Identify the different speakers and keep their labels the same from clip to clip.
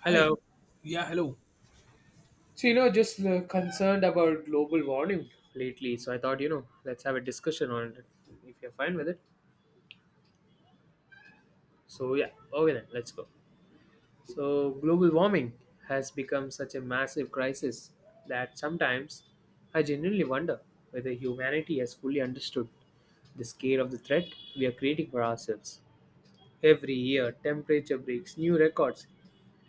Speaker 1: Hi.
Speaker 2: Hello.
Speaker 1: Yeah, hello.
Speaker 2: So, just concerned about global warming. Lately, so I thought let's have a discussion on it if you're fine with it. So yeah, okay then, let's go. So global warming has become such a massive crisis that sometimes I genuinely wonder whether humanity has fully understood the scale of the threat we are creating for ourselves. Every year, temperature breaks new records,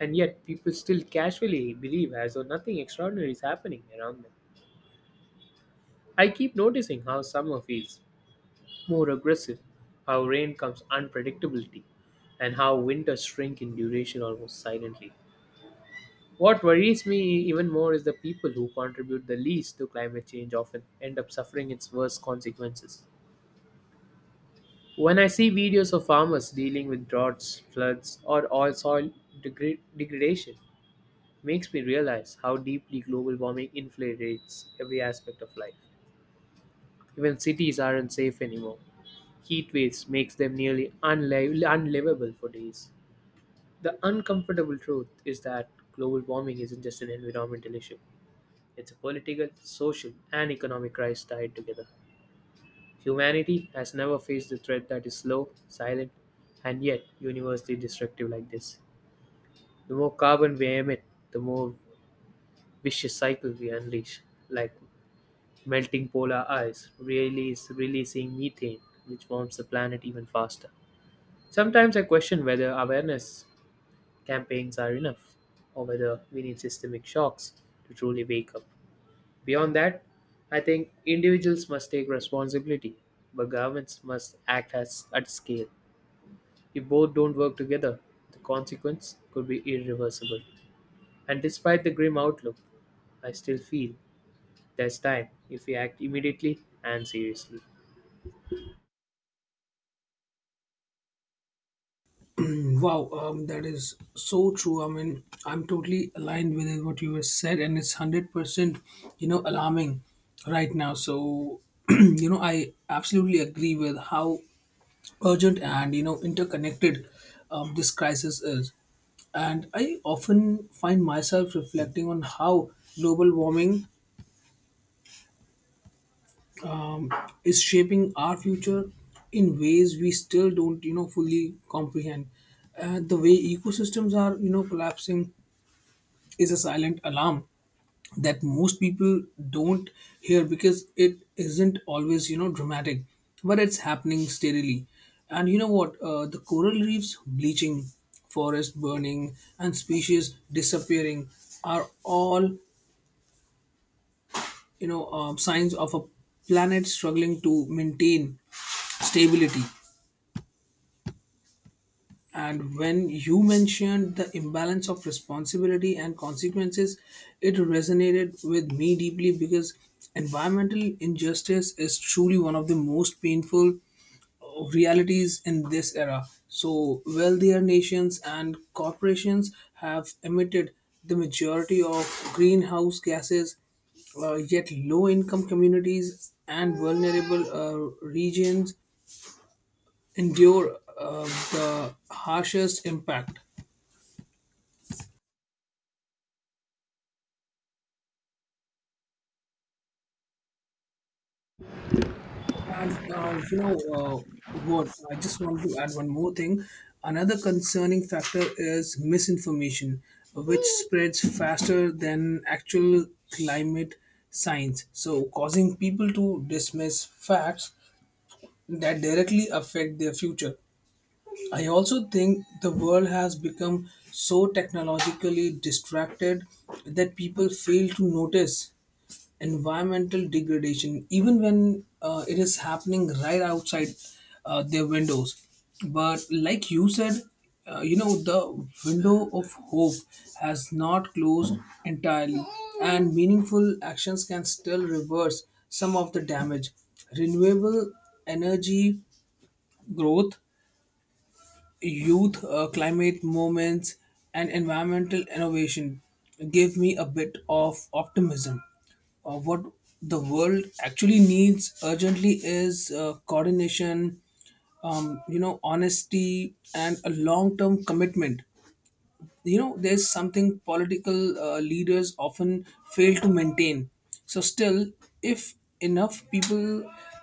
Speaker 2: and yet people still casually believe as though nothing extraordinary is happening around them. I keep noticing how summer feels more aggressive, how rain comes unpredictability, and how winters shrink in duration almost silently. What worries me even more is the people who contribute the least to climate change often end up suffering its worst consequences. When I see videos of farmers dealing with droughts, floods, or oil soil degradation, makes me realize how deeply global warming infiltrates every aspect of life. Even cities aren't safe anymore. Heat waves makes them nearly unlivable for days. The uncomfortable truth is that global warming isn't just an environmental issue. It's a political, social, and economic crisis tied together. Humanity has never faced a threat that is slow, silent, and yet universally destructive like this. The more carbon we emit, the more vicious cycle we unleash, like melting polar ice, releasing methane, which warms the planet even faster. Sometimes I question whether awareness campaigns are enough, or whether we need systemic shocks to truly wake up. Beyond that, I think individuals must take responsibility, but governments must act as at scale. If both don't work together, the consequence could be irreversible. And despite the grim outlook, I still feel there's time if we act immediately and seriously.
Speaker 1: Wow, that is so true. I mean, I'm totally aligned with it, what you have said, and it's 100%, alarming right now. So, I absolutely agree with how urgent and interconnected, this crisis is. And I often find myself reflecting on how global warming um, is shaping our future in ways we still don't fully comprehend. The way ecosystems are collapsing is a silent alarm that most people don't hear because it isn't always dramatic, but it's happening steadily. And you know what, the coral reefs bleaching, forest burning, and species disappearing are all signs of a planet struggling to maintain stability. And when you mentioned the imbalance of responsibility and consequences, it resonated with me deeply, because environmental injustice is truly one of the most painful realities in this era. So, wealthier nations and corporations have emitted the majority of greenhouse gases, yet, low income communities and vulnerable regions endure the harshest impact. And you know what? I just want to add one more thing. Another concerning factor is misinformation, which spreads faster than actual climate science, so causing people to dismiss facts that directly affect their future. I also think the world has become so technologically distracted that people fail to notice environmental degradation, even when it is happening right outside their windows. But like you said, the window of hope has not closed entirely, and meaningful actions can still reverse some of the damage. Renewable energy growth, youth, climate movements, and environmental innovation give me a bit of optimism. What the world actually needs urgently is coordination, honesty, and a long-term commitment. You know there's something political leaders often fail to maintain. So still, if enough people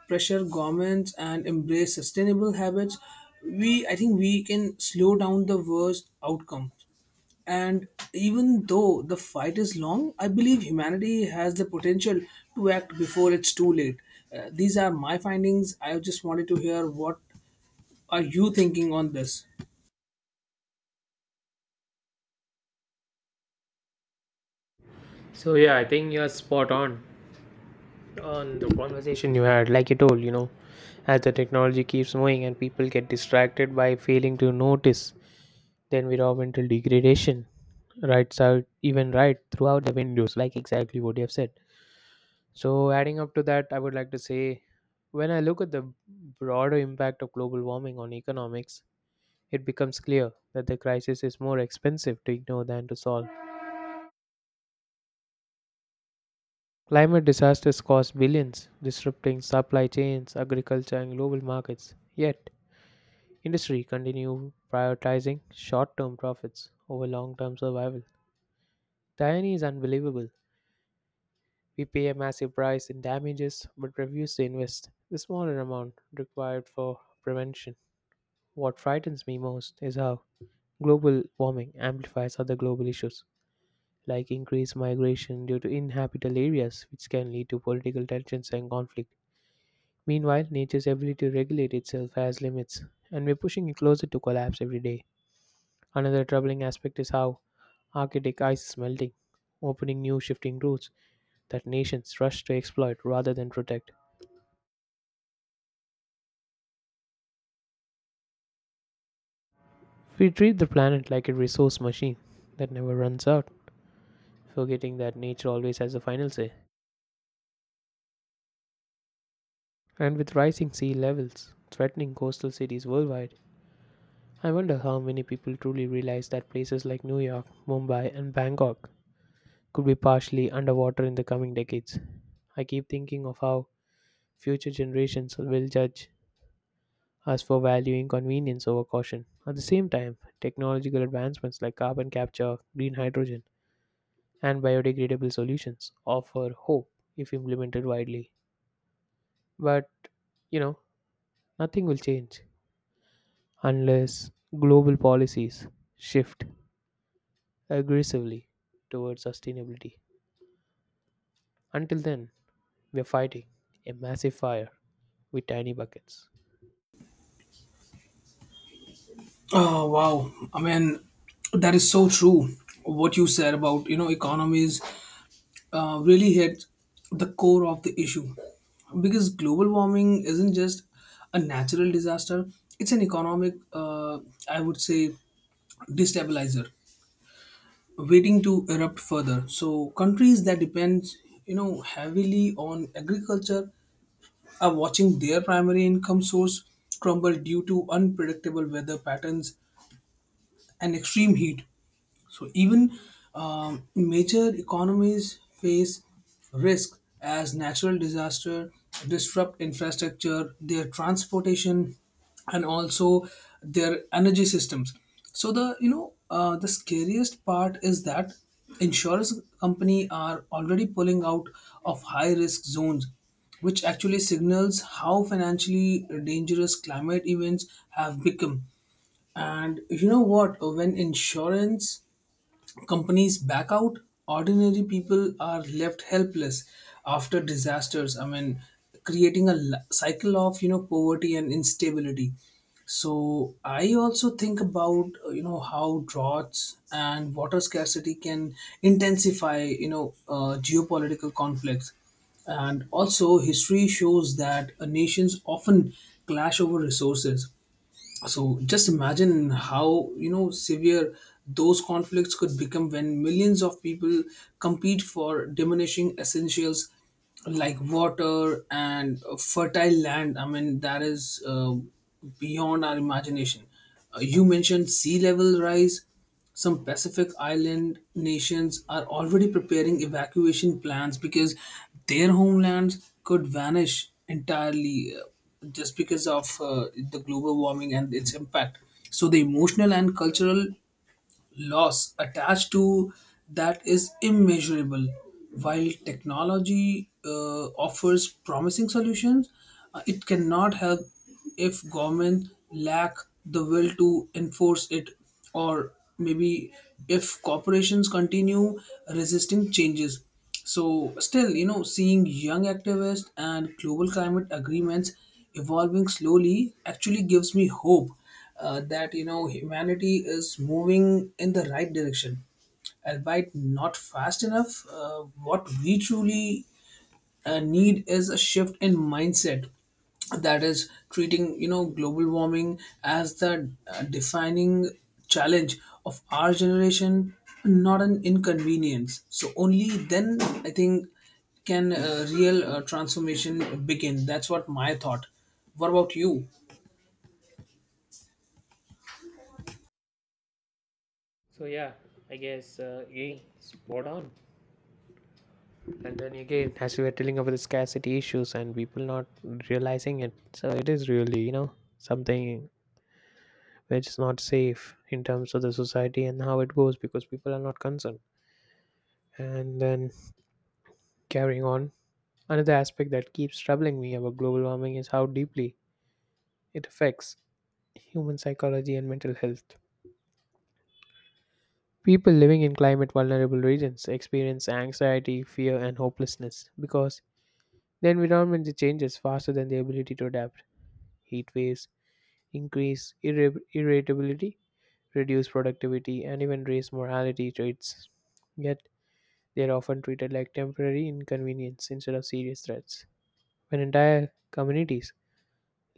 Speaker 1: pressure governments and embrace sustainable habits, we I think we can slow down the worst outcomes. And even though the fight is long, I believe humanity has the potential to act before it's too late. These are my findings. I just wanted to hear what are you thinking on this.
Speaker 2: So yeah, I think you're spot on. On the conversation you had, like you told, as the technology keeps moving and people get distracted by failing to notice the environmental degradation right out, even right throughout the windows, like exactly what you have said. So, adding up to that, I would like to say, when I look at the broader impact of global warming on economics, it becomes clear that the crisis is more expensive to ignore than to solve. Climate disasters cost billions, disrupting supply chains, agriculture, and global markets. Yet, industry continue prioritizing short-term profits over long-term survival. The irony is unbelievable. We pay a massive price in damages but refuse to invest the smaller amount required for prevention. What frightens me most is how global warming amplifies other global issues, like increased migration due to inhabitable areas, which can lead to political tensions and conflict. Meanwhile, nature's ability to regulate itself has limits, and we're pushing it closer to collapse every day. Another troubling aspect is how Arctic ice is melting, opening new shifting routes that nations rush to exploit rather than protect. We treat the planet like a resource machine that never runs out, forgetting that nature always has the final say. And with rising sea levels threatening coastal cities worldwide, I wonder how many people truly realize that places like New York, Mumbai, and Bangkok could be partially underwater in the coming decades. I keep thinking of how future generations will judge as for valuing convenience over caution. At the same time, technological advancements like carbon capture, green hydrogen, and biodegradable solutions offer hope if implemented widely. But, you know, nothing will change unless global policies shift aggressively towards sustainability. Until then, we're fighting a massive fire with tiny buckets.
Speaker 1: Oh, wow! I mean, that is so true. What you said about economies really hit the core of the issue, because global warming isn't just a natural disaster; it's an economic, I would say, destabilizer, waiting to erupt further. So countries that depend heavily on agriculture are watching their primary income source crumble due to unpredictable weather patterns and extreme heat. So even major economies face risk as natural disaster disrupt infrastructure, their transportation, and also their energy systems. So the you know the scariest part is that insurance company are already pulling out of high risk zones, which actually signals how financially dangerous climate events have become. And you know what? When insurance companies back out, ordinary people are left helpless after disasters. I mean, creating a cycle of poverty and instability. So I also think about how droughts and water scarcity can intensify geopolitical conflicts. And also, history shows that nations often clash over resources. So just imagine how severe those conflicts could become when millions of people compete for diminishing essentials like water and fertile land. I mean, that is beyond our imagination. You mentioned sea level rise. Some Pacific Island nations are already preparing evacuation plans because their homelands could vanish entirely, just because of the global warming and its impact. So, the emotional and cultural loss attached to that is immeasurable. While technology offers promising solutions, it cannot help if government lack the will to enforce it, or maybe if corporations continue resisting changes. So, still, you know, seeing young activists and global climate agreements evolving slowly actually gives me hope, that humanity is moving in the right direction, albeit not fast enough. What we truly need is a shift in mindset, that is treating global warming as the defining challenge of our generation, not an inconvenience. So only then, I think, can real transformation begin. That's what my thought. What about you?
Speaker 2: So, yeah, I guess yeah, spot on. And then again, as we were telling about the scarcity issues and people not realizing it, so it is really something which is not safe in terms of the society and how it goes, because people are not concerned. And then, carrying on, another aspect that keeps troubling me about global warming is how deeply it affects human psychology and mental health. People living in climate vulnerable regions experience anxiety, fear, and hopelessness, because the environment changes faster than the ability to adapt. Heat waves increase irritability, reduce productivity, and even raise morality traits. Yet, they are often treated like temporary inconvenience instead of serious threats. When entire communities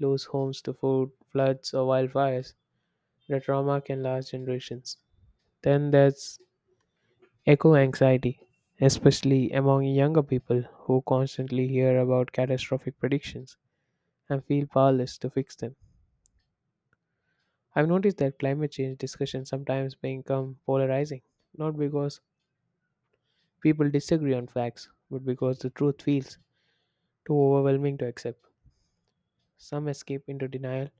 Speaker 2: lose homes to food, floods, or wildfires, the trauma can last generations. Then there's eco anxiety, especially among younger people who constantly hear about catastrophic predictions and feel powerless to fix them. I've noticed that climate change discussions sometimes become polarizing, not because people disagree on facts, but because the truth feels too overwhelming to accept. Some escape into denial,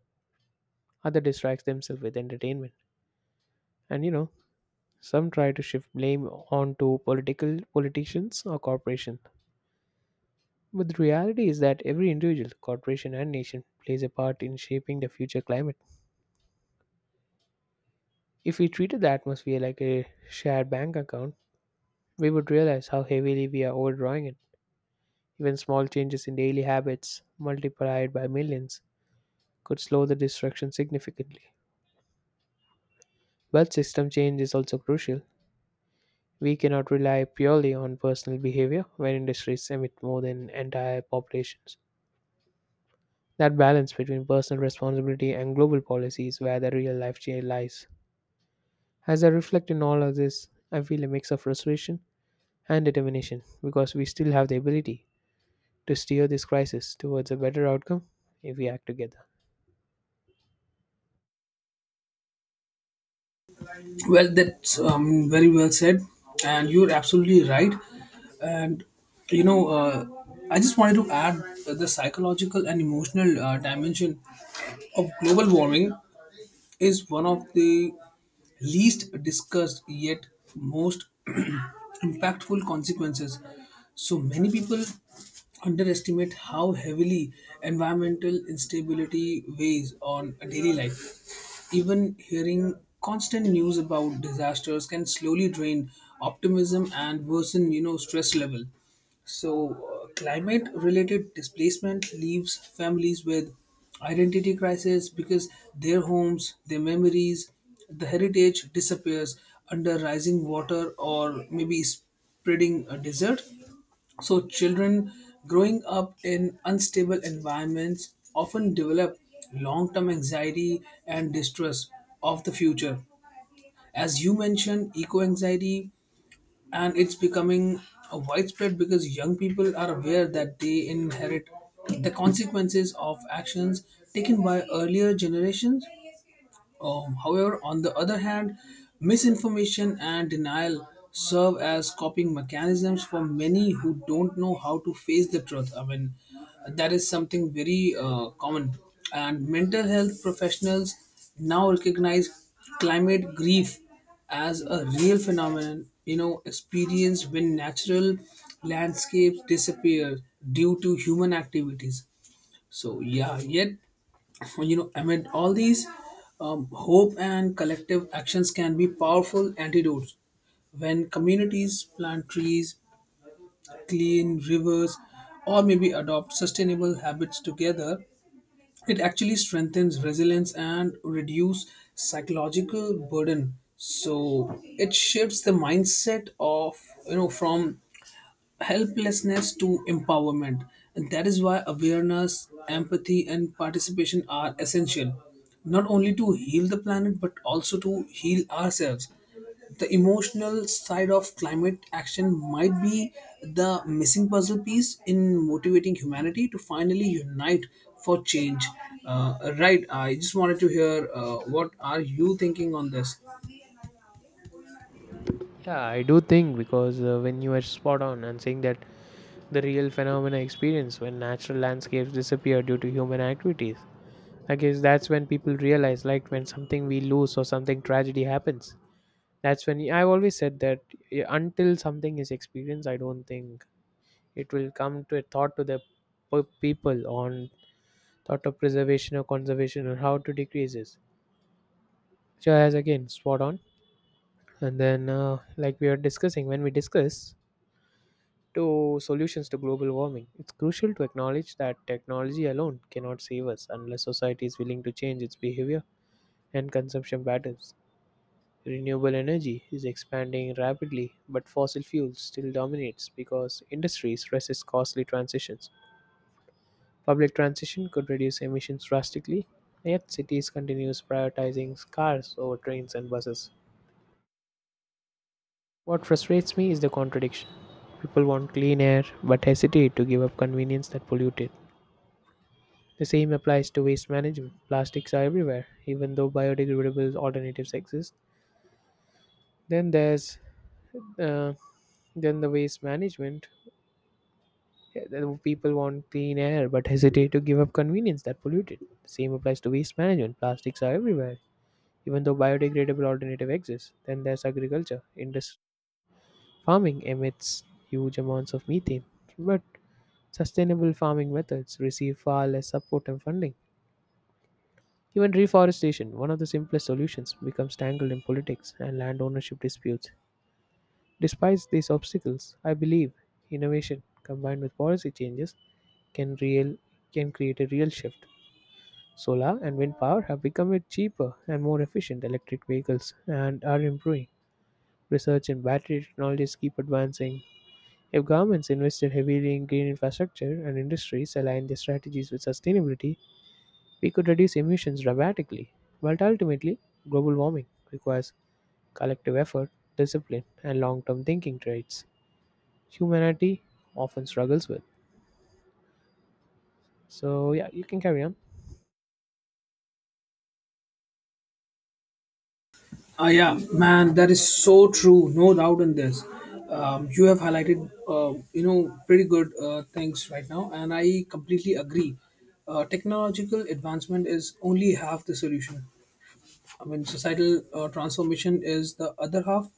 Speaker 2: others distract themselves with entertainment. And some try to shift blame onto political politicians or corporations. But the reality is that every individual, corporation and nation plays a part in shaping the future climate. If we treated the atmosphere like a shared bank account, we would realize how heavily we are overdrawing it. Even small changes in daily habits, multiplied by millions, could slow the destruction significantly. But system change is also crucial. We cannot rely purely on personal behavior when industries emit more than entire populations. That balance between personal responsibility and global policy is where the real life change lies. As I reflect on all of this, I feel a mix of frustration and determination, because we still have the ability to steer this crisis towards a better outcome if we act together.
Speaker 1: Well, that's very well said, and you're absolutely right. And you know, uh, I just wanted to add that the psychological and emotional dimension of global warming is one of the least discussed yet most impactful consequences. So many people underestimate how heavily environmental instability weighs on a daily life. Even hearing constant news about disasters can slowly drain optimism and worsen, you know, stress level. So, climate related displacement leaves families with identity crisis, because their homes, their memories, the heritage disappears under rising water, or maybe spreading a desert. So, children growing up in unstable environments often develop long term anxiety and distrust of the future. As you mentioned, eco anxiety, and it's becoming widespread because young people are aware that they inherit the consequences of actions taken by earlier generations. However, on the other hand, misinformation and denial serve as coping mechanisms for many who don't know how to face the truth. I mean, that is something very common. And mental health professionals now recognize climate grief as a real phenomenon, you know, experienced when natural landscapes disappear due to human activities. So yeah, yet, amid all these, hope and collective actions can be powerful antidotes. When communities plant trees, clean rivers, or maybe adopt sustainable habits together, it actually strengthens resilience and reduce psychological burden. So it shifts the mindset of, you know, from helplessness to empowerment. And that is why awareness, empathy, and participation are essential, not only to heal the planet, but also to heal ourselves. The emotional side of climate action might be the missing puzzle piece in motivating humanity to finally unite for change. Right, I just wanted to hear what are you thinking on this?
Speaker 2: Yeah, I do think, because when you are spot on and saying that the real phenomena experience when natural landscapes disappear due to human activities, I guess that's when people realize, like when something we lose or something tragedy happens. That's when I've always said that until something is experienced, I don't think it will come to a thought to the people on thought of preservation or conservation or how to decrease this. So, as again, spot on. And then, like we are discussing, when we discuss to solutions to global warming, it's crucial to acknowledge that technology alone cannot save us unless society is willing to change its behavior and consumption patterns. Renewable energy is expanding rapidly, but fossil fuels still dominates because industries resist costly transitions. Public transition could reduce emissions drastically, yet cities continues prioritizing cars over trains and buses. What frustrates me is the contradiction. People want clean air but hesitate to give up convenience that pollute it. The same applies to waste management. Plastics are everywhere, even though biodegradable alternatives exist. Then there's uh, then the waste management. Yeah, the people want clean air but hesitate to give up convenience that pollute it. The same applies to waste management. Plastics are everywhere, even though biodegradable alternative exists. Then there's agriculture industry. Farming emits huge amounts of methane, but sustainable farming methods receive far less support and funding. Even reforestation, one of the simplest solutions, becomes tangled in politics and land ownership disputes. Despite these obstacles, I believe innovation combined with policy changes can real can create a real shift. Solar and wind power have become a cheaper and more efficient, electric vehicles and are improving. Research in battery technologies keep advancing. If governments invested heavily in green infrastructure and industries aligned their strategies with sustainability, we could reduce emissions dramatically. But ultimately, global warming requires collective effort, discipline, and long term thinking, traits humanity often struggles with. So, yeah, you can carry on.
Speaker 1: Ah yeah, man, that is so true. No doubt in this. You have highlighted, pretty good things right now, and I completely agree. Technological advancement is only half the solution. I mean, societal transformation is the other half.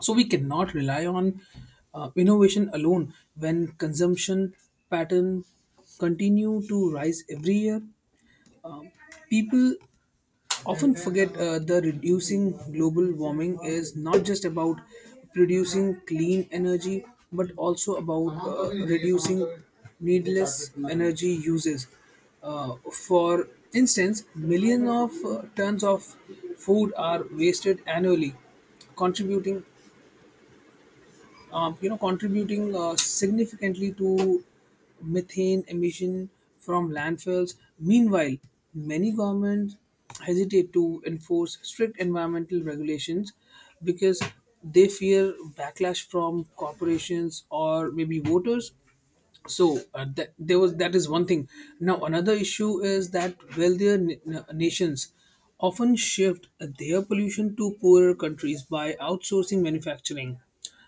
Speaker 1: So we cannot rely on innovation alone when consumption pattern continue to rise every year. People often forget, the reducing global warming is not just about producing clean energy, but also about reducing needless energy uses. For instance, millions of tons of food are wasted annually, contributing contributing significantly to methane emission from landfills. Meanwhile, many governments hesitate to enforce strict environmental regulations because they fear backlash from corporations or maybe voters. So that there was, that is one thing. Now another issue is that wealthier nations often shift their pollution to poorer countries by outsourcing manufacturing.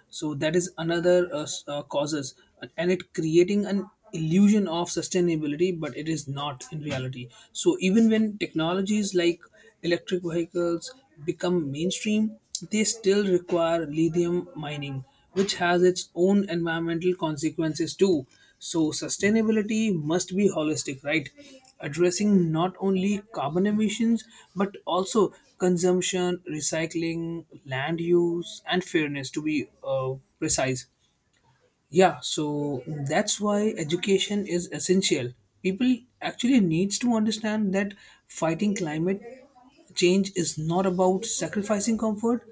Speaker 1: So that is another causes, and it creating an illusion of sustainability, but it is not in reality. So even when technologies like electric vehicles become mainstream, they still require lithium mining, which has its own environmental consequences too. So, sustainability must be holistic, right? Addressing not only carbon emissions, but also consumption, recycling, land use, and fairness, to be precise. Yeah, so that's why education is essential. People actually needs to understand that fighting climate change is not about sacrificing comfort,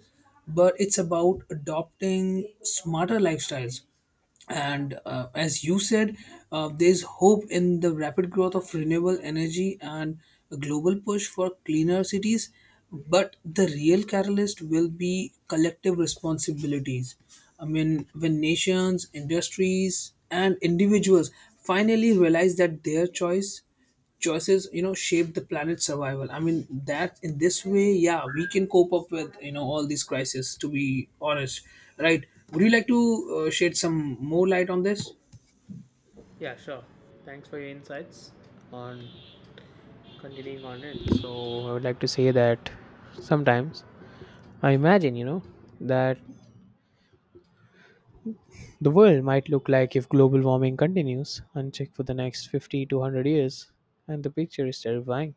Speaker 1: but it's about adopting smarter lifestyles. And as you said, there's hope in the rapid growth of renewable energy and a global push for cleaner cities. But the real catalyst will be collective responsibilities. I mean, when nations, industries, and individuals finally realize that their choices, you know, shape the planet's survival. I mean, that in this way, yeah, we can cope up with, you know, all these crises. To be honest, right? Would you like to shed some more light on this?
Speaker 2: Yeah, sure. Thanks for your insights on continuing on it. So I would like to say that sometimes I imagine that the world might look like if global warming continues unchecked for the next 50 to 100 years, and the picture is terrifying.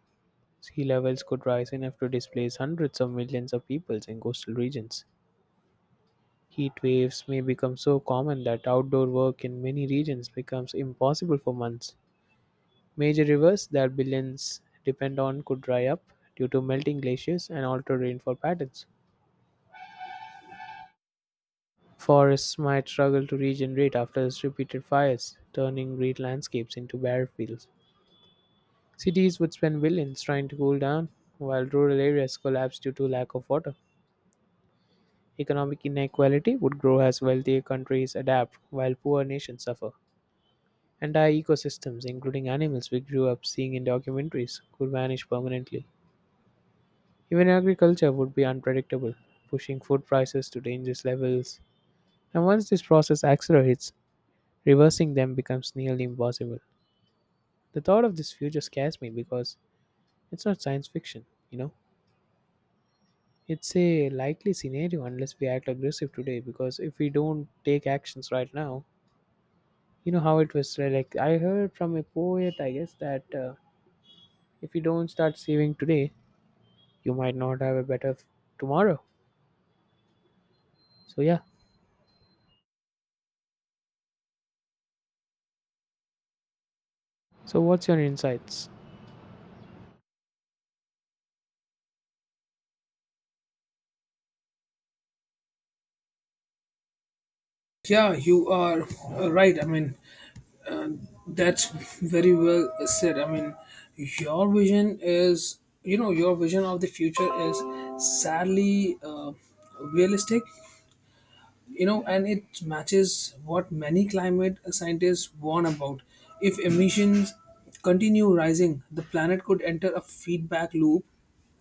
Speaker 2: Sea levels could rise enough to displace hundreds of millions of people in coastal regions. Heat waves may become so common that outdoor work in many regions becomes impossible for months. Major rivers that billions depend on could dry up due to melting glaciers and altered rainfall patterns. Forests might struggle to regenerate after repeated fires, turning green landscapes into bare fields. Cities would spend billions trying to cool down, while rural areas collapse due to lack of water. Economic inequality would grow as wealthier countries adapt, while poor nations suffer. Entire ecosystems, including animals we grew up seeing in documentaries, could vanish permanently. Even agriculture would be unpredictable, pushing food prices to dangerous levels. And once this process accelerates, reversing them becomes nearly impossible. The thought of this future scares me because it's not science fiction, you know? It's a likely scenario unless we act aggressive today, because if we don't take actions right now, you know how it was, like I heard from a poet, I guess, that if you don't start saving today, you might not have a better tomorrow. So, yeah. So, what's your insights?
Speaker 1: Yeah, you are right. I mean, that's very well said. I mean, your vision is, you know, your vision of the future is sadly realistic, you know, and it matches what many climate scientists warn about. If emissions continue rising, the planet could enter a feedback loop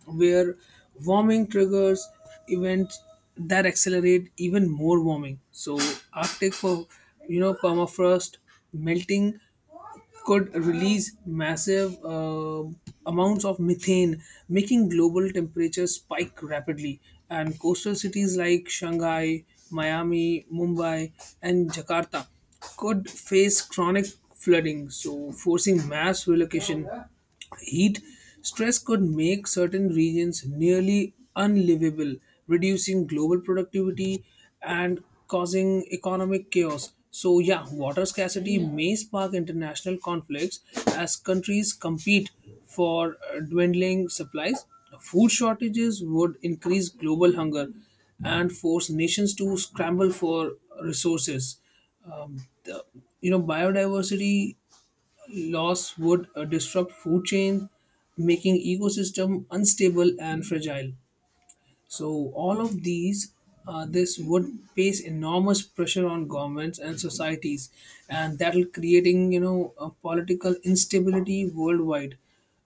Speaker 1: where warming triggers events that accelerate even more warming. So Arctic, permafrost melting could release massive amounts of methane, making global temperatures spike rapidly. And coastal cities like Shanghai, Miami, Mumbai, and Jakarta could face chronic flooding, so forcing mass relocation. Heat stress could make certain regions nearly unlivable, reducing global productivity and causing economic chaos. So, yeah, water scarcity may spark international conflicts as countries compete for dwindling supplies. Food shortages would increase global hunger and force nations to scramble for resources. Um, the, biodiversity loss would disrupt food chain, making ecosystem unstable and fragile. So all of these this would place enormous pressure on governments and societies, and that will creating, you know, a political instability worldwide.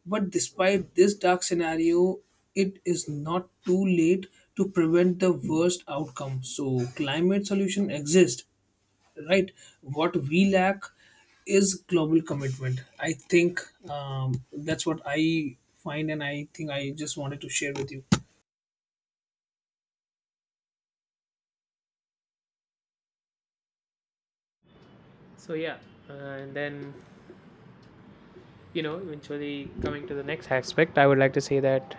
Speaker 1: But despite this dark scenario, it is not too late to prevent the worst outcome. So climate solution exist, right? What we lack is global commitment, I think. um, that's what I find, and I think I just wanted to share with you.
Speaker 2: So yeah, uh, and then, eventually coming to the next aspect, I would like to say that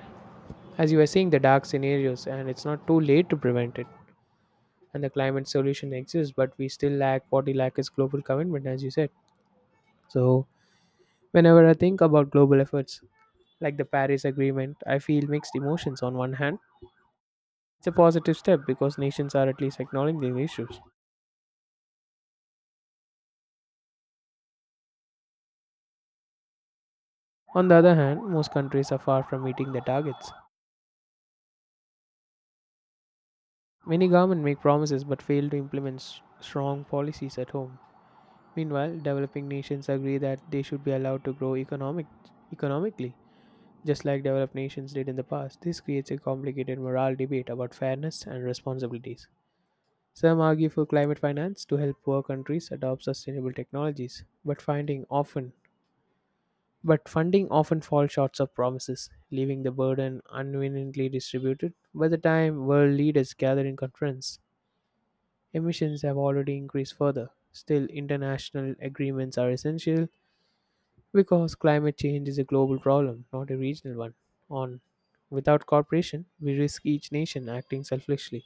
Speaker 2: as you were saying, the dark scenarios, and it's not too late to prevent it. And the climate solution exists, but we still lack, what we lack is global commitment, as you said. So, whenever I think about global efforts like the Paris Agreement, I feel mixed emotions. On one hand, it's a positive step because nations are at least acknowledging the issues. On the other hand, most countries are far from meeting their targets. Many governments make promises but fail to implement strong policies at home. Meanwhile, developing nations agree that they should be allowed to grow economically, just like developed nations did in the past. This creates a complicated moral debate about fairness and responsibilities. Some argue for climate finance to help poor countries adopt sustainable technologies, but funding often falls short of promises, leaving the burden unevenly distributed. By the time world leaders gather in conference, emissions have already increased further. Still, international agreements are essential because climate change is a global problem, not a regional one. On without cooperation, we risk each nation acting selfishly,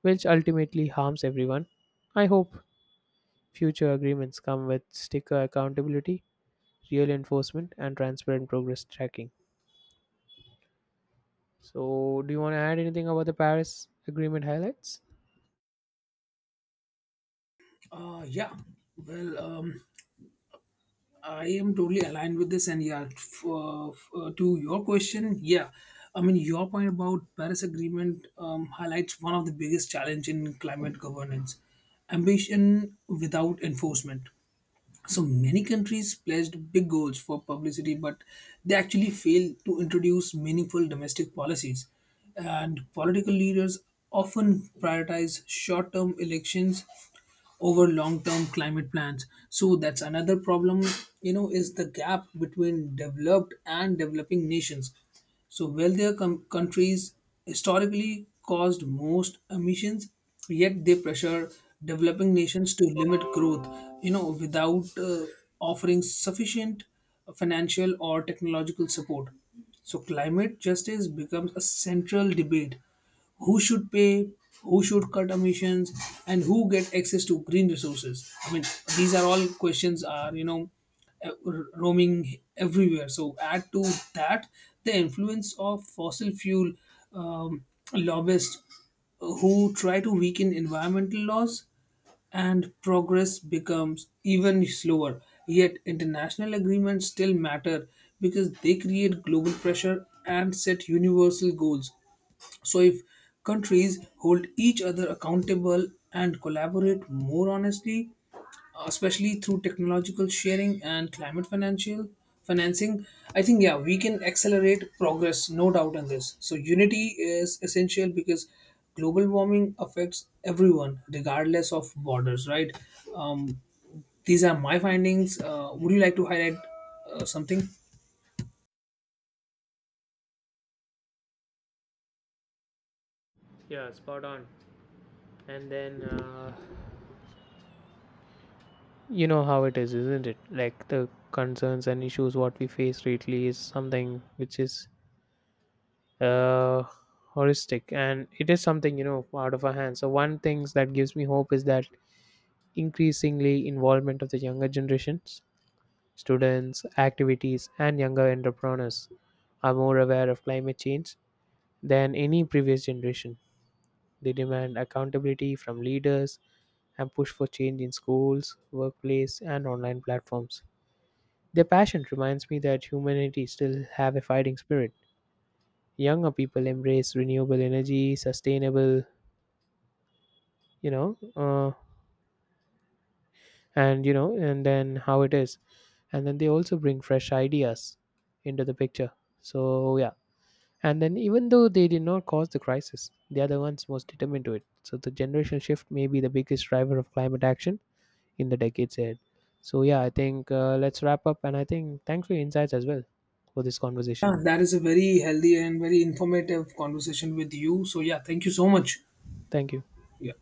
Speaker 2: which ultimately harms everyone. I hope future agreements come with sticker accountability, real enforcement, and transparent progress tracking. So, do you want to add anything about the Paris Agreement highlights?
Speaker 1: Uh, yeah well um, I am totally aligned with this, and yeah, to your question, yeah, I mean your point about Paris Agreement highlights one of the biggest challenge in climate governance: ambition without enforcement. So many countries pledged big goals for publicity, but they actually failed to introduce meaningful domestic policies. And political leaders often prioritize short term elections over long term climate plans. So that's another problem, you know, is the gap between developed and developing nations. So, wealthier countries historically caused most emissions, yet they pressure developing nations to limit growth, you know, without offering sufficient financial or technological support. So, climate justice becomes a central debate: who should pay, who should cut emissions, and who get access to green resources. I mean, these are all questions are, uh, roaming everywhere. So add to that the influence of fossil fuel um, lobbyists who try to weaken environmental laws, and progress becomes even slower. Yet, international agreements still matter because they create global pressure and set universal goals. So, if countries hold each other accountable and collaborate more honestly, especially through technological sharing and climate financial financing, I think, yeah, we can accelerate progress, no doubt in this. So, unity is essential, because global warming affects everyone, regardless of borders, right? Um, these are my findings. Would you like to highlight something?
Speaker 2: Yeah, spot on. And then, you know how it is, isn't it? Like, the concerns and issues what we face lately is something which is uh, horrific, and it is something out of our hands. So, one things that gives me hope is that increasingly involvement of the younger generations. Students, activities, and younger entrepreneurs are more aware of climate change than any previous generation. They demand accountability from leaders and push for change in schools, workplace, and online platforms. Their passion reminds me that humanity still have a fighting spirit. Younger people embrace renewable energy, sustainable, you know, uh, and then how it is, and then they also bring fresh ideas into the picture. So, yeah. And then, even though they did not cause the crisis, they are the ones most determined to it. So, the generational shift may be the biggest driver of climate action in the decades ahead. So, yeah, I think let's wrap up. And I think thanks for your insights as well for this conversation.
Speaker 1: Yeah, that is a very healthy and very informative conversation with you. So, yeah, thank you so much.
Speaker 2: Thank you.
Speaker 1: Yeah.